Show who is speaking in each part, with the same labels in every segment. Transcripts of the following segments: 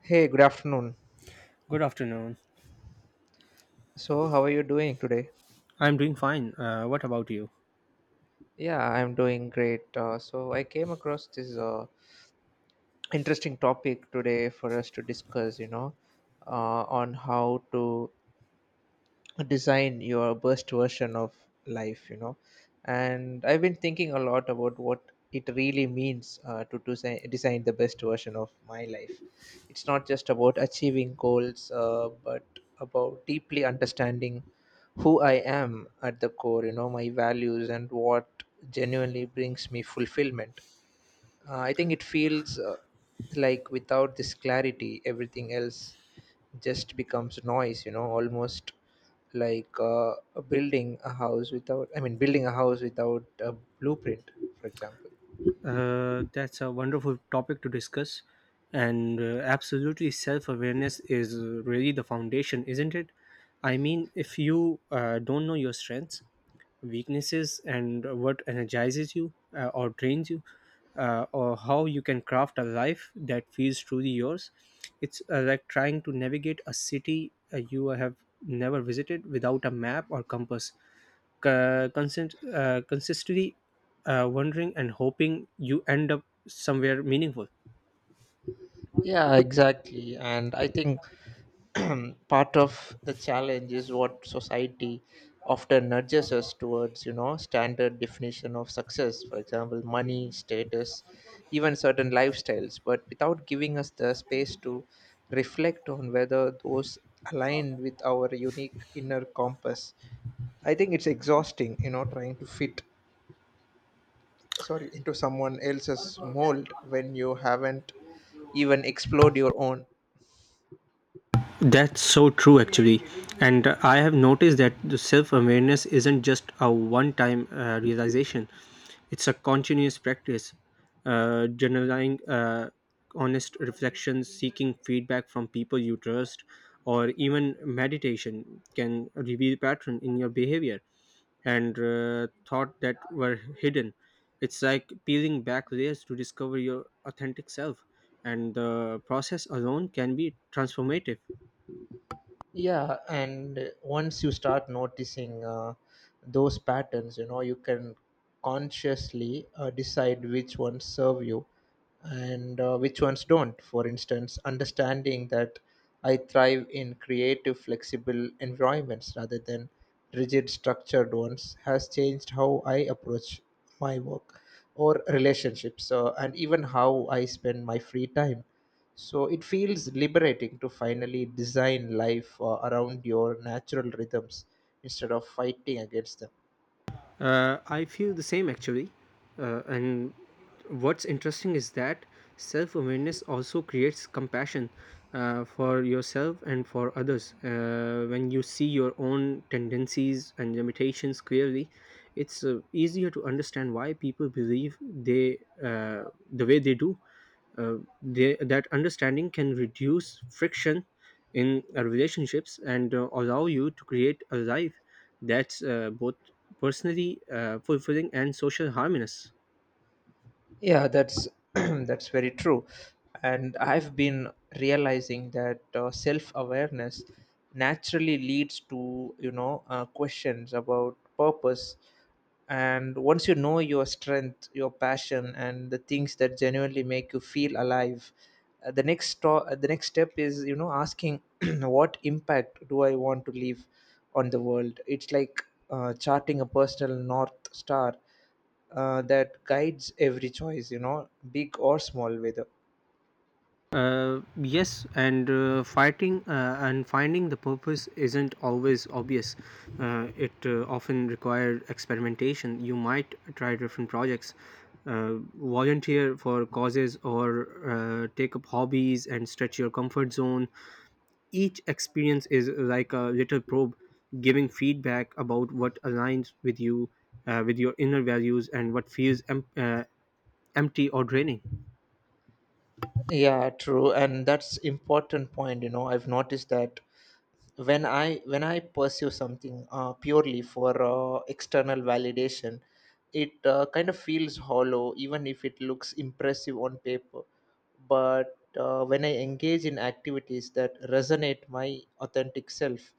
Speaker 1: Hey, good afternoon.
Speaker 2: Good afternoon.
Speaker 1: So, how are you doing today?
Speaker 2: I'm doing fine. What about you?
Speaker 1: Yeah, I'm doing great. So, I came across this interesting topic today for us to discuss, on how to design your best version of life. And I've been thinking a lot about what it really means to design the best version of my life. It's not just about achieving goals but about deeply understanding who I am at the core, you know, my values and what genuinely brings me fulfillment. I think it feels like without this clarity, everything else just becomes noise, you know, almost like building a house without, I mean, building a house without a blueprint, for example.
Speaker 2: That's a wonderful topic to discuss. And absolutely, self awareness is really the foundation, isn't it? I mean, if you don't know your strengths, weaknesses, and what energizes you or drains you, or how you can craft a life that feels truly yours. It's like trying to navigate a city you have never visited without a map or compass, consistently wondering and hoping you end up somewhere meaningful.
Speaker 1: Yeah, exactly. And I think part of the challenge is what society often nudges us towards, you know, standard definition of success, for example money, status, even certain lifestyles, but without giving us the space to reflect on whether those align with our unique inner compass. I think it's exhausting, you know, trying to fit sorry into someone else's mold when you haven't even explored your own.
Speaker 2: That's so true, actually. And I have noticed that the self awareness isn't just a one time realization. It's a continuous practice. Journaling, honest reflections, seeking feedback from people you trust, or even meditation can reveal pattern in your behavior and thought that were hidden. It's like peeling back layers to discover your authentic self, and the process alone can be transformative.
Speaker 1: Yeah, and once you start noticing those patterns, you know, you can consciously decide which ones serve you and which ones don't. For instance, understanding that I thrive in creative, flexible environments rather than rigid, structured ones has changed how I approach my work or relationships, and even how I spend my free time. So it feels liberating to finally design life around your natural rhythms instead of fighting against them.
Speaker 2: I feel the same actually. And what's interesting is that self awareness also creates compassion for yourself and for others. When you see your own tendencies and limitations clearly, it's easier to understand why people believe uh, the way they do. Uh, that understanding can reduce friction in relationships and allow you to create a life that's both personally fulfilling and social harmonious.
Speaker 1: Yeah, that's that's very true. And I've been realizing that self-awareness naturally leads to, you know, questions about purpose. And once you know your strength, your passion, and the things that genuinely make you feel alive, the next step is, you know, asking what impact do I want to leave on the world? It's like charting a personal north star that guides every choice, you know, big or small, whether
Speaker 2: Yes, and fighting and finding the purpose isn't always obvious. It often required experimentation. You might try different projects, volunteer for causes, or take up hobbies and stretch your comfort zone. Each experience is like a little probe, giving feedback about what aligns with you, with your inner values and what feels empty or draining.
Speaker 1: yeah true. And that's important point, you know, I've noticed that when I pursue something purely for external validation, it kind of feels hollow even if it looks impressive on paper. But when I engage in activities that resonate my authentic self,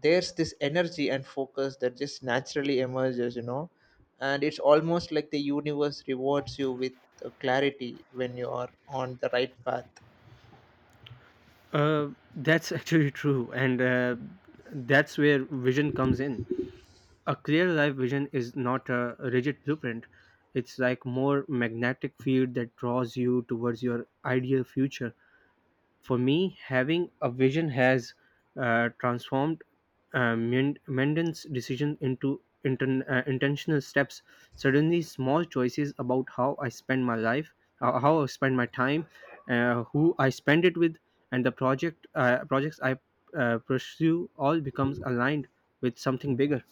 Speaker 1: there's this energy and focus that just naturally emerges, you know, and it's almost like the universe rewards you with clarity when you are on the right path.
Speaker 2: Uh, that's actually true, and that's where vision comes in. A clear life vision is not a rigid blueprint. It's like more magnetic field that draws you towards your ideal future. For me, having a vision has transformed Menden's decision into intentional steps. Suddenly, small choices about how I spend my life, how I spend my time, who I spend it with, and the projects I pursue all becomes aligned with something bigger.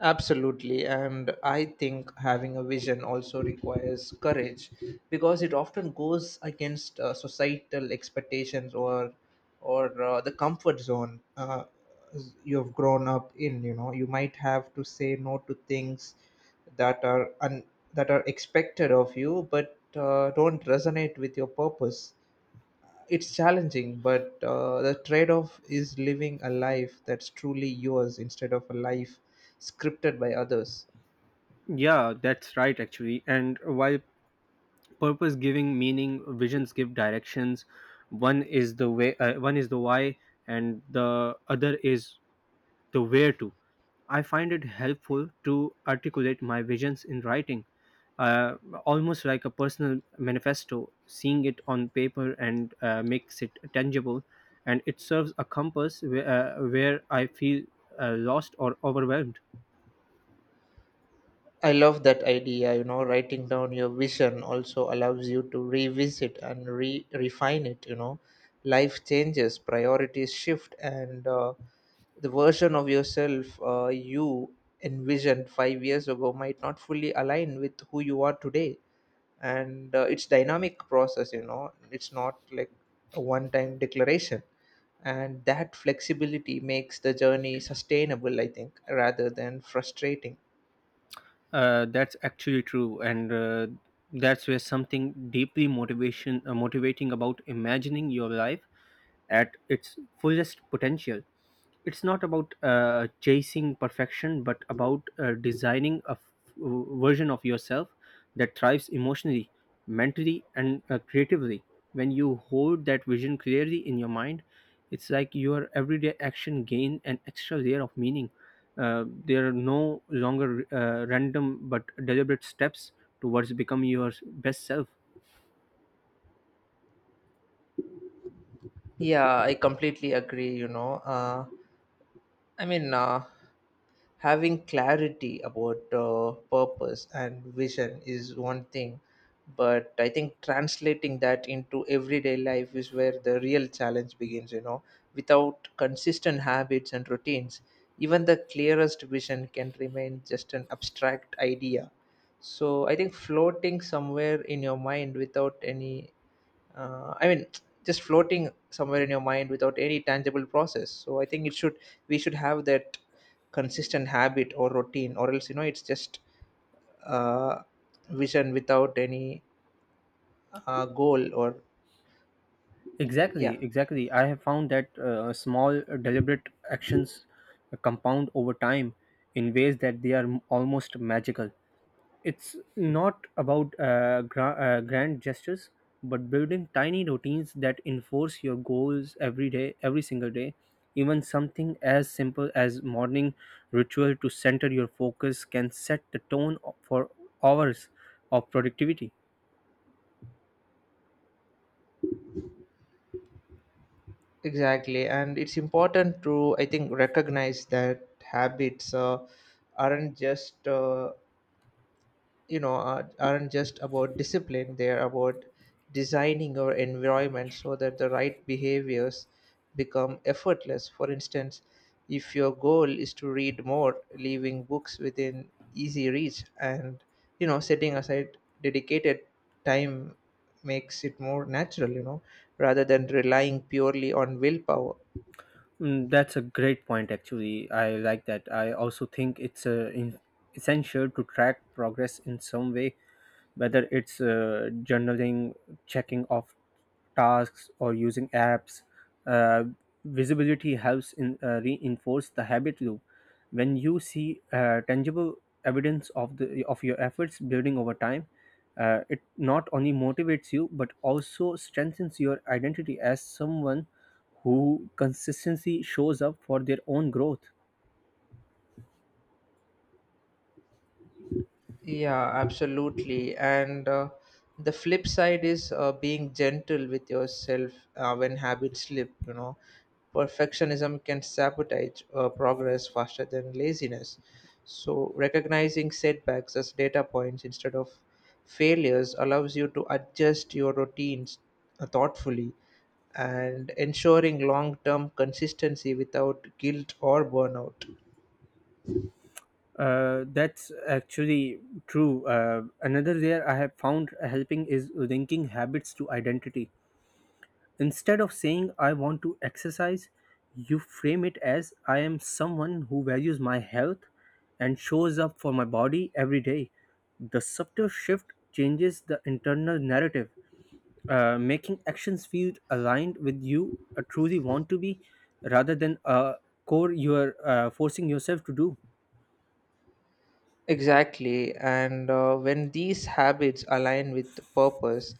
Speaker 1: Absolutely, and I think having a vision also requires courage because it often goes against societal expectations or the comfort zone you've grown up in. You know, you might have to say no to things that are un- that are expected of you, but don't resonate with your purpose. It's challenging, but the trade off is living a life that's truly yours instead of a life scripted by others.
Speaker 2: Yeah, that's right actually. And while purpose giving meaning, visions give directions. One is the way, one is the why, and the other is the where to. I find it helpful to articulate my visions in writing, uh, almost like a personal manifesto. Seeing it on paper and makes it tangible, and it serves a compass where I feel lost or overwhelmed.
Speaker 1: I love that idea. You know, writing down your vision also allows you to revisit and refine it. You know, life changes, priorities shift, and the version of yourself you envisioned 5 years ago might not fully align with who you are today. And it's dynamic process. You know, it's not like a one-time declaration. And that flexibility makes the journey sustainable, I think, rather than frustrating.
Speaker 2: That's actually true, and that's where something deeply motivation motivating about imagining your life at its fullest potential. It's not about chasing perfection, but about designing a version of yourself that thrives emotionally, mentally, and creatively. When you hold that vision clearly in your mind, it's like your everyday action gain an extra layer of meaning. They are no longer random but deliberate steps towards becoming your best self.
Speaker 1: Yeah, I completely agree. You know, I mean, uh, having clarity about purpose and vision is one thing, but I think translating that into everyday life is where the real challenge begins. You know, without consistent habits and routines, even the clearest vision can remain just an abstract idea. So I think floating somewhere in your mind without any I mean just floating somewhere in your mind without any tangible process. So I think it should we should have that consistent habit or routine, or else, you know, it's just uh, vision without any goal or yeah
Speaker 2: Exactly, exactly. I have found that small, deliberate actions compound over time in ways that they are almost magical. It's not about grand gestures, but building tiny routines that enforce your goals every day, every single day. Even something as simple as morning ritual to center your focus can set the tone for hours of productivity.
Speaker 1: exactly. And it's important to, I think, recognize that habits aren't just aren't just about discipline. They're about designing our environment so that the right behaviors become effortless. For instance, if your goal is to read more, leaving books within easy reach and, you know, setting aside dedicated time makes it more natural, you know, rather than relying purely on willpower.
Speaker 2: That's a great point, actually. I like that. I also think it's essential to track progress in some way, whether it's journaling, checking off tasks, or using apps. Uh, visibility helps in reinforce the habit loop. When you see tangible evidence of your efforts building over time, it not only motivates you but also strengthens your identity as someone who consistently shows up for their own growth.
Speaker 1: Yeah, absolutely. And the flip side is being gentle with yourself when habits slip, you know. Perfectionism can sabotage progress faster than laziness. So, recognizing setbacks as data points instead of failures allows you to adjust your routines thoughtfully and ensuring long term consistency without guilt or burnout.
Speaker 2: That's actually true. Another layer I have found helping is linking habits to identity. Instead of saying I want to exercise, you frame it as I am someone who values my health and shows up for my body every day. The subtle shift changes the internal narrative, making actions feel aligned with you truly want to be rather than a core you are forcing yourself to do.
Speaker 1: Exactly. And when these habits align with purpose,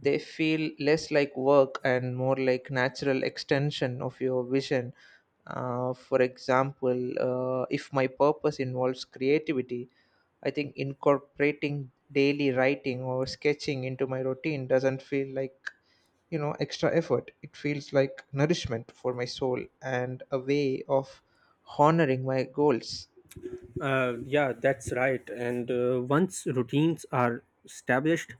Speaker 1: they feel less like work and more like natural extension of your vision. For example, if my purpose involves creativity, I think incorporating daily writing or sketching into my routine doesn't feel like, you know, extra effort. It feels like nourishment for my soul and a way of honoring my goals.
Speaker 2: Yeah, that's right. And once routines are established,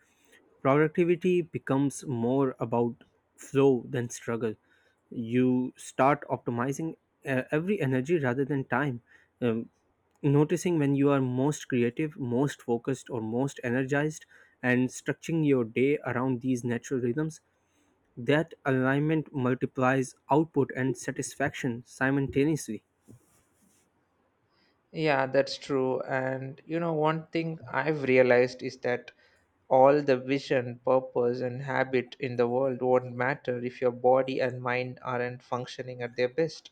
Speaker 2: productivity becomes more about flow than struggle. You start optimizing every energy rather than time, um, noticing when you are most creative, most focused, or most energized, and structuring your day around these natural rhythms. That alignment multiplies output and satisfaction simultaneously.
Speaker 1: Yeah, that's true. And you know, one thing I've realized is that all the vision, purpose, and habit in the world won't matter if your body and mind aren't functioning at their best.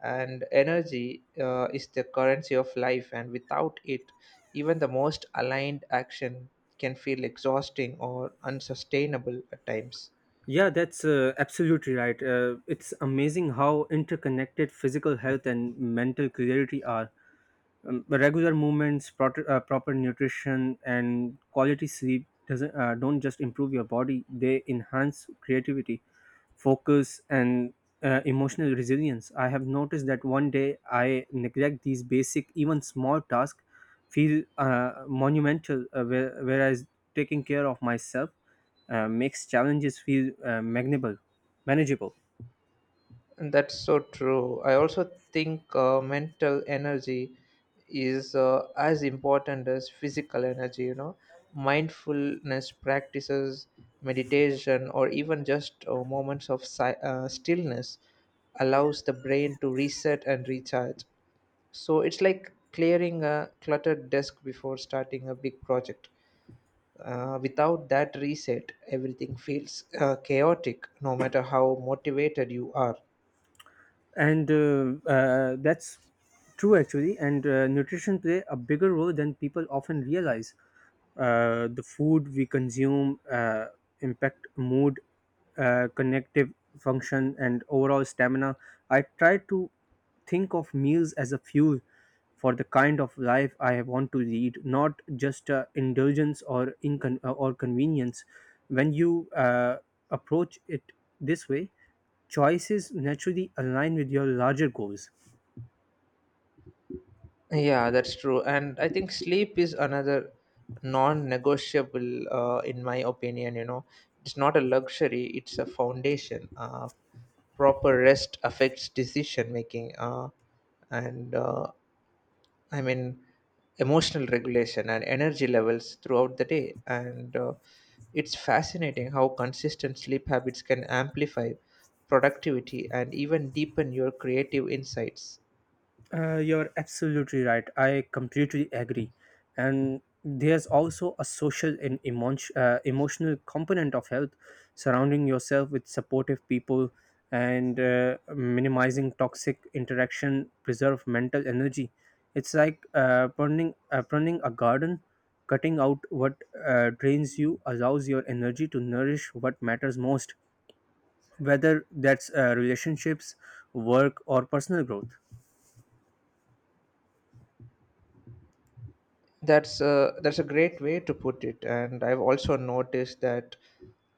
Speaker 1: And energy is the currency of life, and without it, even the most aligned action can feel exhausting or unsustainable at times.
Speaker 2: Yeah, that's absolutely right. It's amazing how interconnected physical health and mental clarity are. The regular movements, proper, proper nutrition, and quality sleep doesn't don't just improve your body; they enhance creativity, focus, and emotional resilience. I have noticed that one day I neglect these basic, even small tasks, feel monumental, whereas taking care of myself makes challenges feel manageable. Manageable.
Speaker 1: That's so true. I also think mental energy is as important as physical energy, you know. Mindfulness practices, meditation, or even just stillness allows the brain to reset and recharge. So it's like clearing a cluttered desk before starting a big project. Without that reset, everything feels chaotic, no matter how motivated you are.
Speaker 2: And that's true actually. And nutrition play a bigger role than people often realize. The food we consume impact mood, connective function, and overall stamina. I try to think of meals as a fuel for the kind of life I want to lead, not just indulgence or convenience. When you approach it this way, choices naturally align with your larger goals.
Speaker 1: Yeah, that's true. And I think sleep is another non negotiable, in my opinion. You know, it's not a luxury, it's a foundation. Proper rest affects decision making and, uh, I mean, emotional regulation and energy levels throughout the day. And it's fascinating how consistent sleep habits can amplify productivity and even deepen your creative insights.
Speaker 2: You're absolutely right. I completely agree. And there's also a social and emotional component of health. Surrounding yourself with supportive people and minimizing toxic interaction, preserve mental energy. It's like pruning a garden. Cutting out what drains you allows your energy to nourish what matters most, whether that's relationships, work, or personal growth.
Speaker 1: That's a great way to put it. And I've also noticed that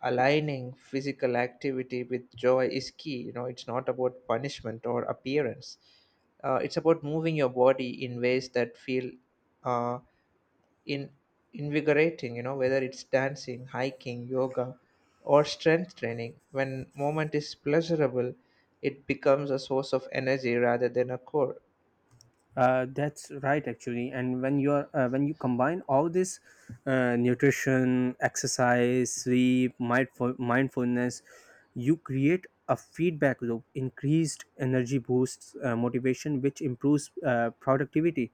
Speaker 1: aligning physical activity with joy is key. You know, it's not about punishment or appearance. It's about moving your body in ways that feel uh, in invigorating. You know, whether it's dancing, hiking, yoga, or strength training. When moment is pleasurable, it becomes a source of energy rather than a chore.
Speaker 2: That's right, actually. And when you combine all this nutrition, exercise, sleep, mindfulness, you create a feedback loop. Increased energy boosts motivation, which improves productivity,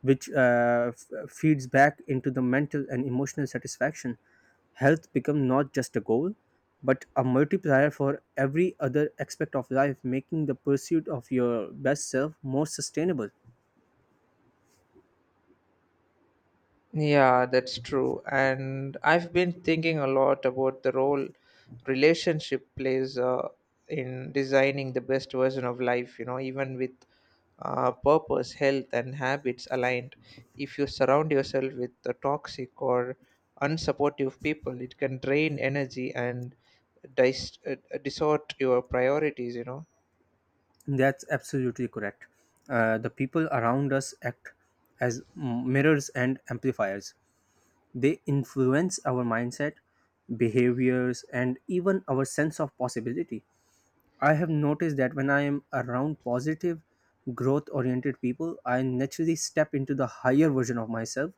Speaker 2: which feeds back into the mental and emotional satisfaction. Health become not just a goal, but a multiplier for every other aspect of life, making the pursuit of your best self more sustainable.
Speaker 1: Yeah, that's true. And I've been thinking a lot about the role relationship plays in designing the best version of life, you know, even with purpose, health, and habits aligned. If you surround yourself with the toxic or unsupportive people, it can drain energy and distort your priorities, you know.
Speaker 2: That's absolutely correct. The people around us act as mirrors and amplifiers. They influence our mindset, behaviors, and even our sense of possibility. I have noticed that when I am around positive, growth oriented people, I naturally step into the higher version of myself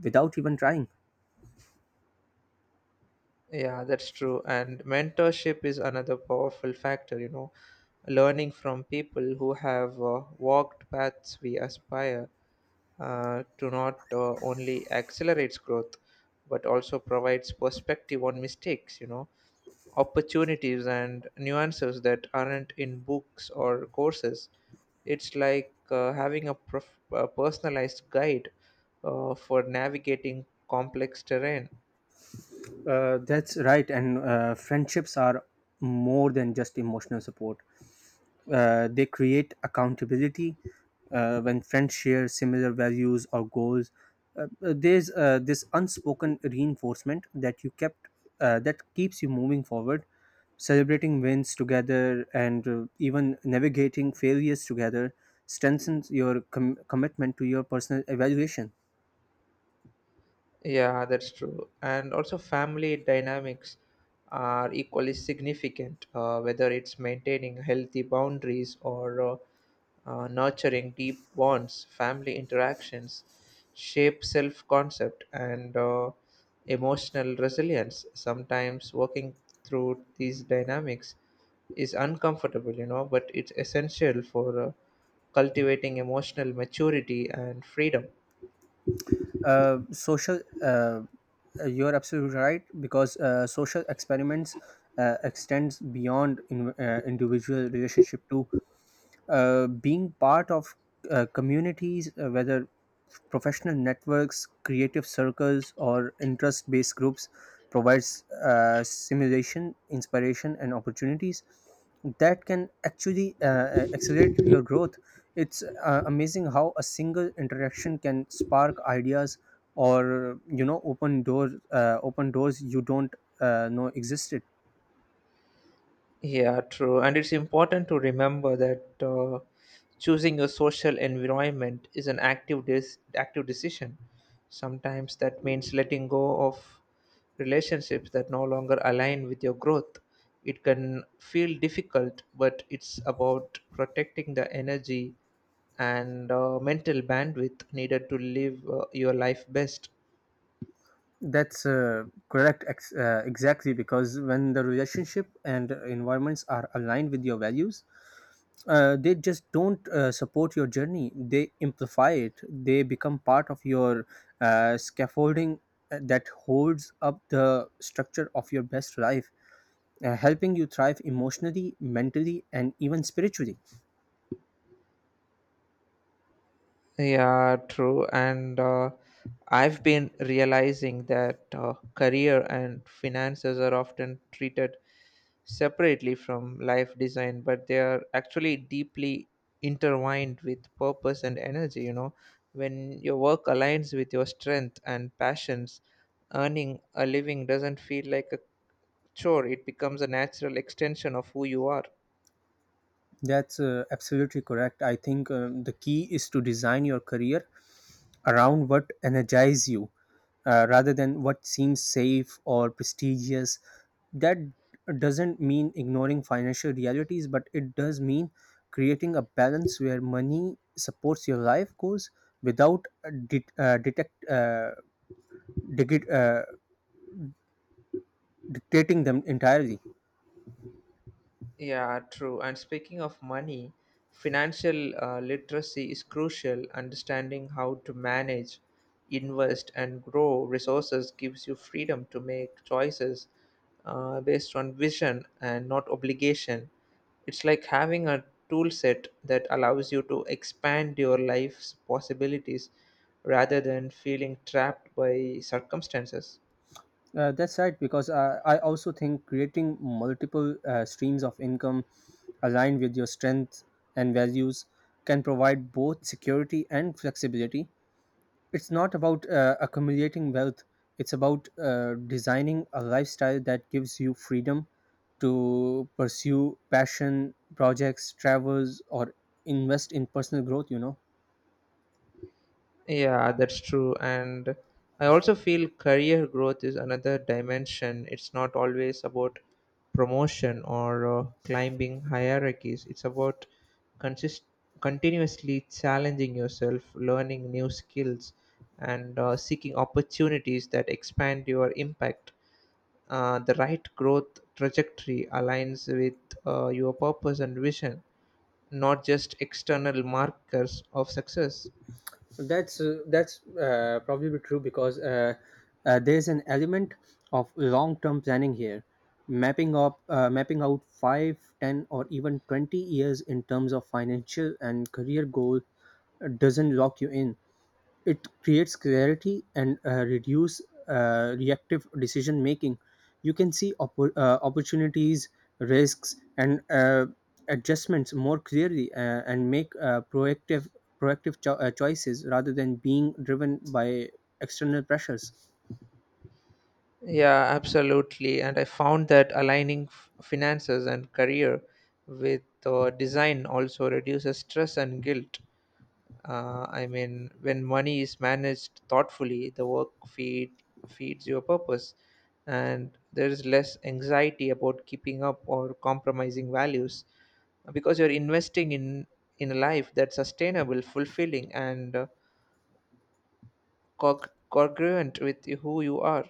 Speaker 2: without even trying.
Speaker 1: Yeah, that's true. And mentorship is another powerful factor, you know, learning from people who have walked paths we aspire to not only accelerates growth, but also provides perspective on mistakes, you know, opportunities and nuances that aren't in books or courses. It's like having a, a personalized guide for navigating complex terrain.
Speaker 2: That's right, and friendships are more than just emotional support. They create accountability when friends share similar values or goals. There's this unspoken reinforcement that keeps you moving forward. Celebrating wins together, and even navigating failures together strengthens your commitment to your personal evaluation.
Speaker 1: Yeah, that's true. And also, family dynamics are equally significant, whether it's maintaining healthy boundaries or nurturing deep bonds, family interactions shape self concept and emotional resilience. Sometimes working through these dynamics is uncomfortable, you know, but it's essential for cultivating emotional maturity and freedom.
Speaker 2: Social you're absolutely right, because social experiments extends beyond individual relationship too. Being part of communities, whether professional networks, creative circles, or interest based groups, provides stimulation, inspiration, and opportunities that can actually accelerate your growth. It's amazing how a single interaction can spark ideas or open doors you don't know existed.
Speaker 1: Yeah, true. And it's important to remember that choosing a social environment is an active decision. Sometimes that means letting go of relationships that no longer align with your growth. It can feel difficult, but it's about protecting the energy and mental bandwidth needed to live your life best.
Speaker 2: That's correct. Exactly, because when the relationship and environments are aligned with your values, they just don't support your journey. They amplify it. They become part of your scaffolding that holds up the structure of your best life, helping you thrive emotionally, mentally, and even spiritually.
Speaker 1: Yeah, true. And I've been realizing that career and finances are often treated separately from life design, but they are actually deeply intertwined with purpose and energy. You know, when your work aligns with your strength and passions, earning a living doesn't feel like a chore, it becomes a natural extension of who you are.
Speaker 2: That's absolutely correct. I think the key is to design your career around what energize you, rather than what seems safe or prestigious. That doesn't mean ignoring financial realities, but it does mean creating a balance where money supports your life goals without digi- uh, dictating them entirely.
Speaker 1: Yeah, true. And speaking of money, financial literacy is crucial. Understanding how to manage, invest, and grow resources gives you freedom to make choices based on vision and not obligation. It's like having a tool set that allows you to expand your life's possibilities rather than feeling trapped by circumstances.
Speaker 2: That's right, because I also think creating multiple streams of income aligned with your strengths and values can provide both security and flexibility. It's not about accumulating wealth, it's about designing a lifestyle that gives you freedom to pursue passion, projects, travels, or invest in personal growth.
Speaker 1: Yeah, that's true. And I also feel career growth is another dimension. It's not always about promotion or climbing hierarchies, it's about consist- continuously challenging yourself, learning new skills, and seeking opportunities that expand your impact. The right growth trajectory aligns with your purpose and vision, not just external markers of success.
Speaker 2: That's probably true, because there's an element of long-term planning here. Mapping up mapping out 5, 10, or even 20 years in terms of financial and career goal doesn't lock you in. It creates clarity and reduce reactive decision making. You can see opportunities, risks, and adjustments more clearly, and make proactive choices rather than being driven by external pressures.
Speaker 1: Yeah, absolutely. And I found that aligning finances and career with design also reduces stress and guilt. When money is managed thoughtfully, the work feed feeds your purpose, and there is less anxiety about keeping up or compromising values because you're investing in a life that's sustainable, fulfilling, and congruent with who you are.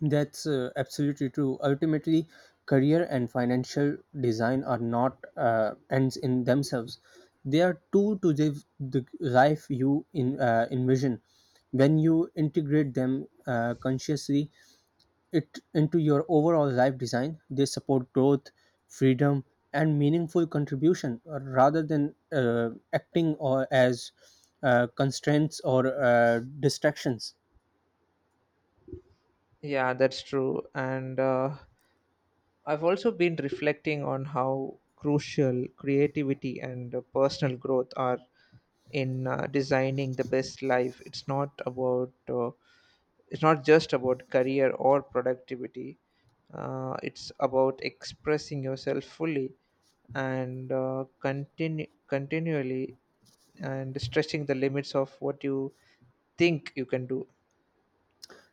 Speaker 2: That's absolutely true. Ultimately, career and financial design are not ends in themselves. They are tool to live the life you envision. When you integrate them consciously it into your overall life design, they support growth, freedom, and meaningful contribution, rather than acting or as constraints or distractions.
Speaker 1: Yeah, that's true. And I've also been reflecting on how crucial creativity and personal growth are in designing the best life. It's not just about career or productivity. It's about expressing yourself fully and continually and stretching the limits of what you think you can do.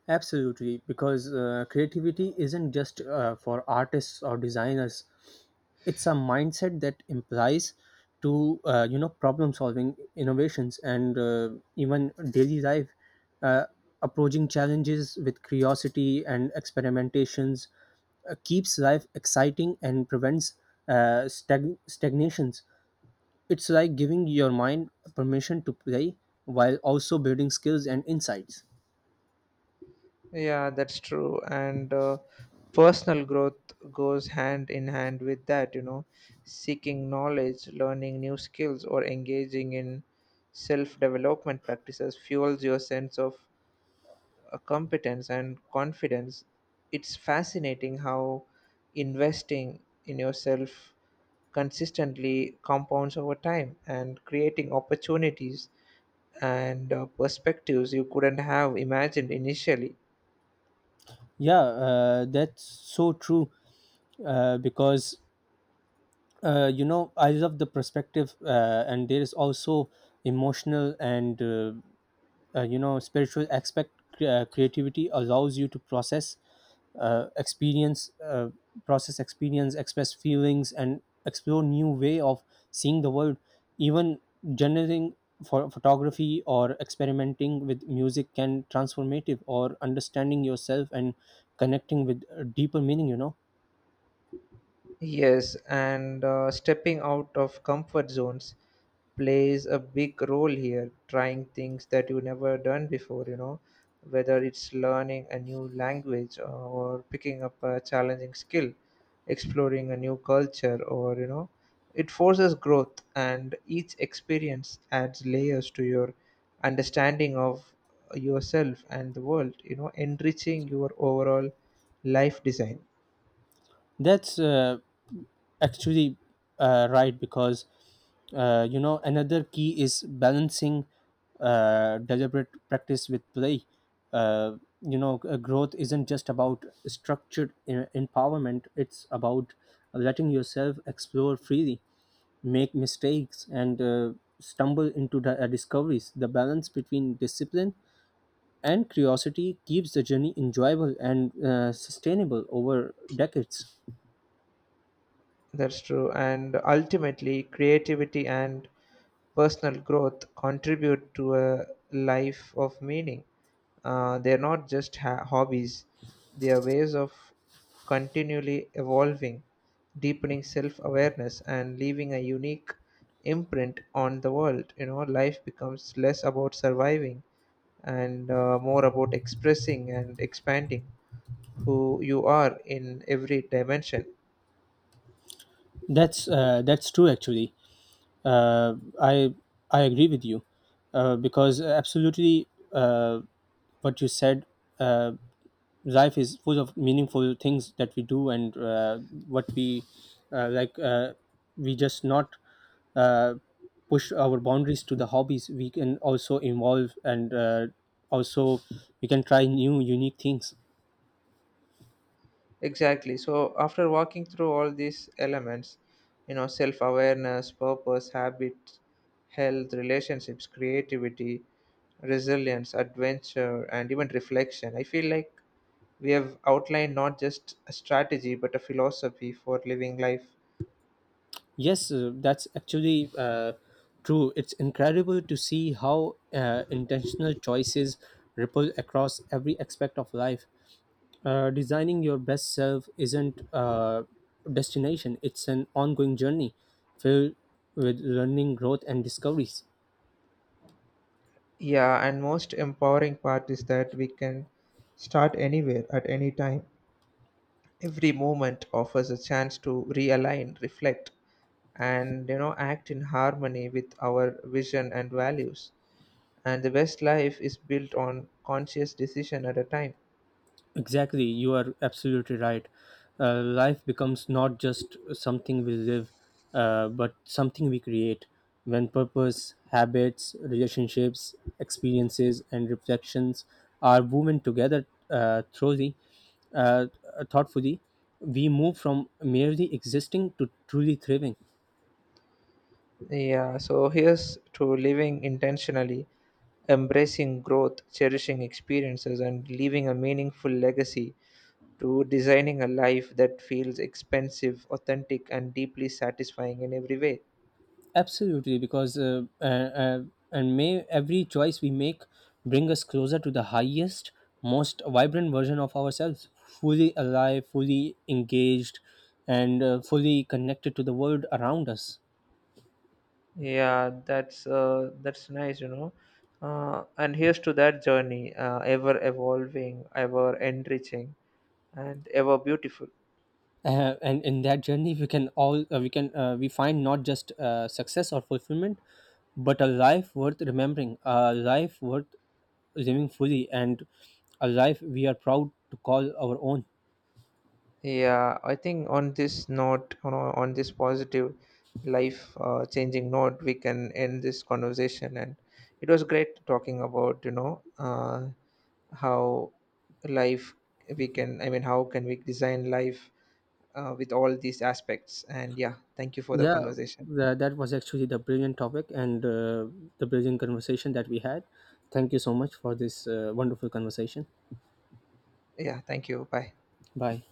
Speaker 2: Absolutely, because creativity isn't just for artists or designers. It's a mindset that implies to, problem solving, innovations, and even daily life. Uh, approaching challenges with curiosity and experimentations keeps life exciting and prevents stagnations. It's like giving your mind permission to play while also building skills and insights.
Speaker 1: Yeah, that's true. And personal growth goes hand in hand with that, you know, seeking knowledge, learning new skills, or engaging in self development practices fuels your sense of competence and confidence. It's fascinating how investing in yourself consistently compounds over time and creating opportunities and perspectives you couldn't have imagined initially.
Speaker 2: Yeah, that's so true. Uh, because I love the perspective, and there is also emotional and spiritual aspect. Creativity allows you to uh, experience uh, process experience, express feelings, and explore new way of seeing the world, even generating for photography or experimenting with music can transformative or understanding yourself and connecting with a deeper meaning.
Speaker 1: Yes, and stepping out of comfort zones plays a big role here, trying things that you never done before, you know, whether it's learning a new language or picking up a challenging skill, exploring a new culture, or, you know, it forces growth, and each experience adds layers to your understanding of yourself and the world, you know, enriching your overall life design.
Speaker 2: That's actually right, because another key is balancing deliberate practice with play. Growth isn't just about structured empowerment. It's about letting yourself explore freely, make mistakes, and stumble into the discoveries. The balance between discipline and curiosity keeps the journey enjoyable and sustainable over decades.
Speaker 1: That's true. And ultimately, creativity and personal growth contribute to a life of meaning. They're not just hobbies, they are ways of continually evolving, deepening self awareness, and leaving a unique imprint on the world. You know, life becomes less about surviving and more about expressing and expanding who you are in every dimension.
Speaker 2: That's true actually. Uh, I I agree with you, because absolutely what you said. Uh, life is full of meaningful things that we do and what we like. We just not uh, push our boundaries to the hobbies. We can also involve and also we can try new unique things.
Speaker 1: Exactly. So after walking through all these elements, you know, self awareness, purpose, habit, health, relationships, creativity, resilience, adventure, and even reflection, I feel like we have outlined not just a strategy but a philosophy for living life.
Speaker 2: Yes, that's actually true. It's incredible to see how intentional choices ripple across every aspect of life. Designing your best self isn't a destination, it's an ongoing journey filled with learning, growth, and discoveries.
Speaker 1: Yeah, and most empowering part is that we can start anywhere at any time. Every moment offers a chance to realign, reflect, and, you know, act in harmony with our vision and values, and the best life is built on conscious decision at a time.
Speaker 2: Exactly, you are absolutely right. Life becomes not just something we live, but something we create. When purpose, habits, relationships, experiences, and reflections are woven together thoroughly, uh, thoughtfully, we move from merely existing to truly thriving.
Speaker 1: Yeah, so here's to living intentionally, embracing growth, cherishing experiences, and leaving a meaningful legacy, to designing a life that feels expensive, authentic, and deeply satisfying in every way.
Speaker 2: Absolutely, because and may every choice we make bring us closer to the highest, most vibrant version of ourselves, fully alive, fully engaged, and fully connected to the world around us.
Speaker 1: Yeah, that's nice, you know, and here's to that journey, ever evolving, ever enriching, and ever beautiful.
Speaker 2: And in that journey, we can all we can we find not just success or fulfillment, but a life worth remembering, a life worth living fully, and a life we are proud to call our own.
Speaker 1: Yeah, I think on this note, you know, on this positive, life changing note, we can end this conversation. And it was great talking about, you know, how life we can, I mean, how can we design life with all these aspects. And yeah, thank you for the
Speaker 2: Yeah,
Speaker 1: conversation.
Speaker 2: that was actually the brilliant topic and the brilliant conversation that we had. Thank you so much for this wonderful conversation.
Speaker 1: Yeah, thank you. Bye.
Speaker 2: Bye.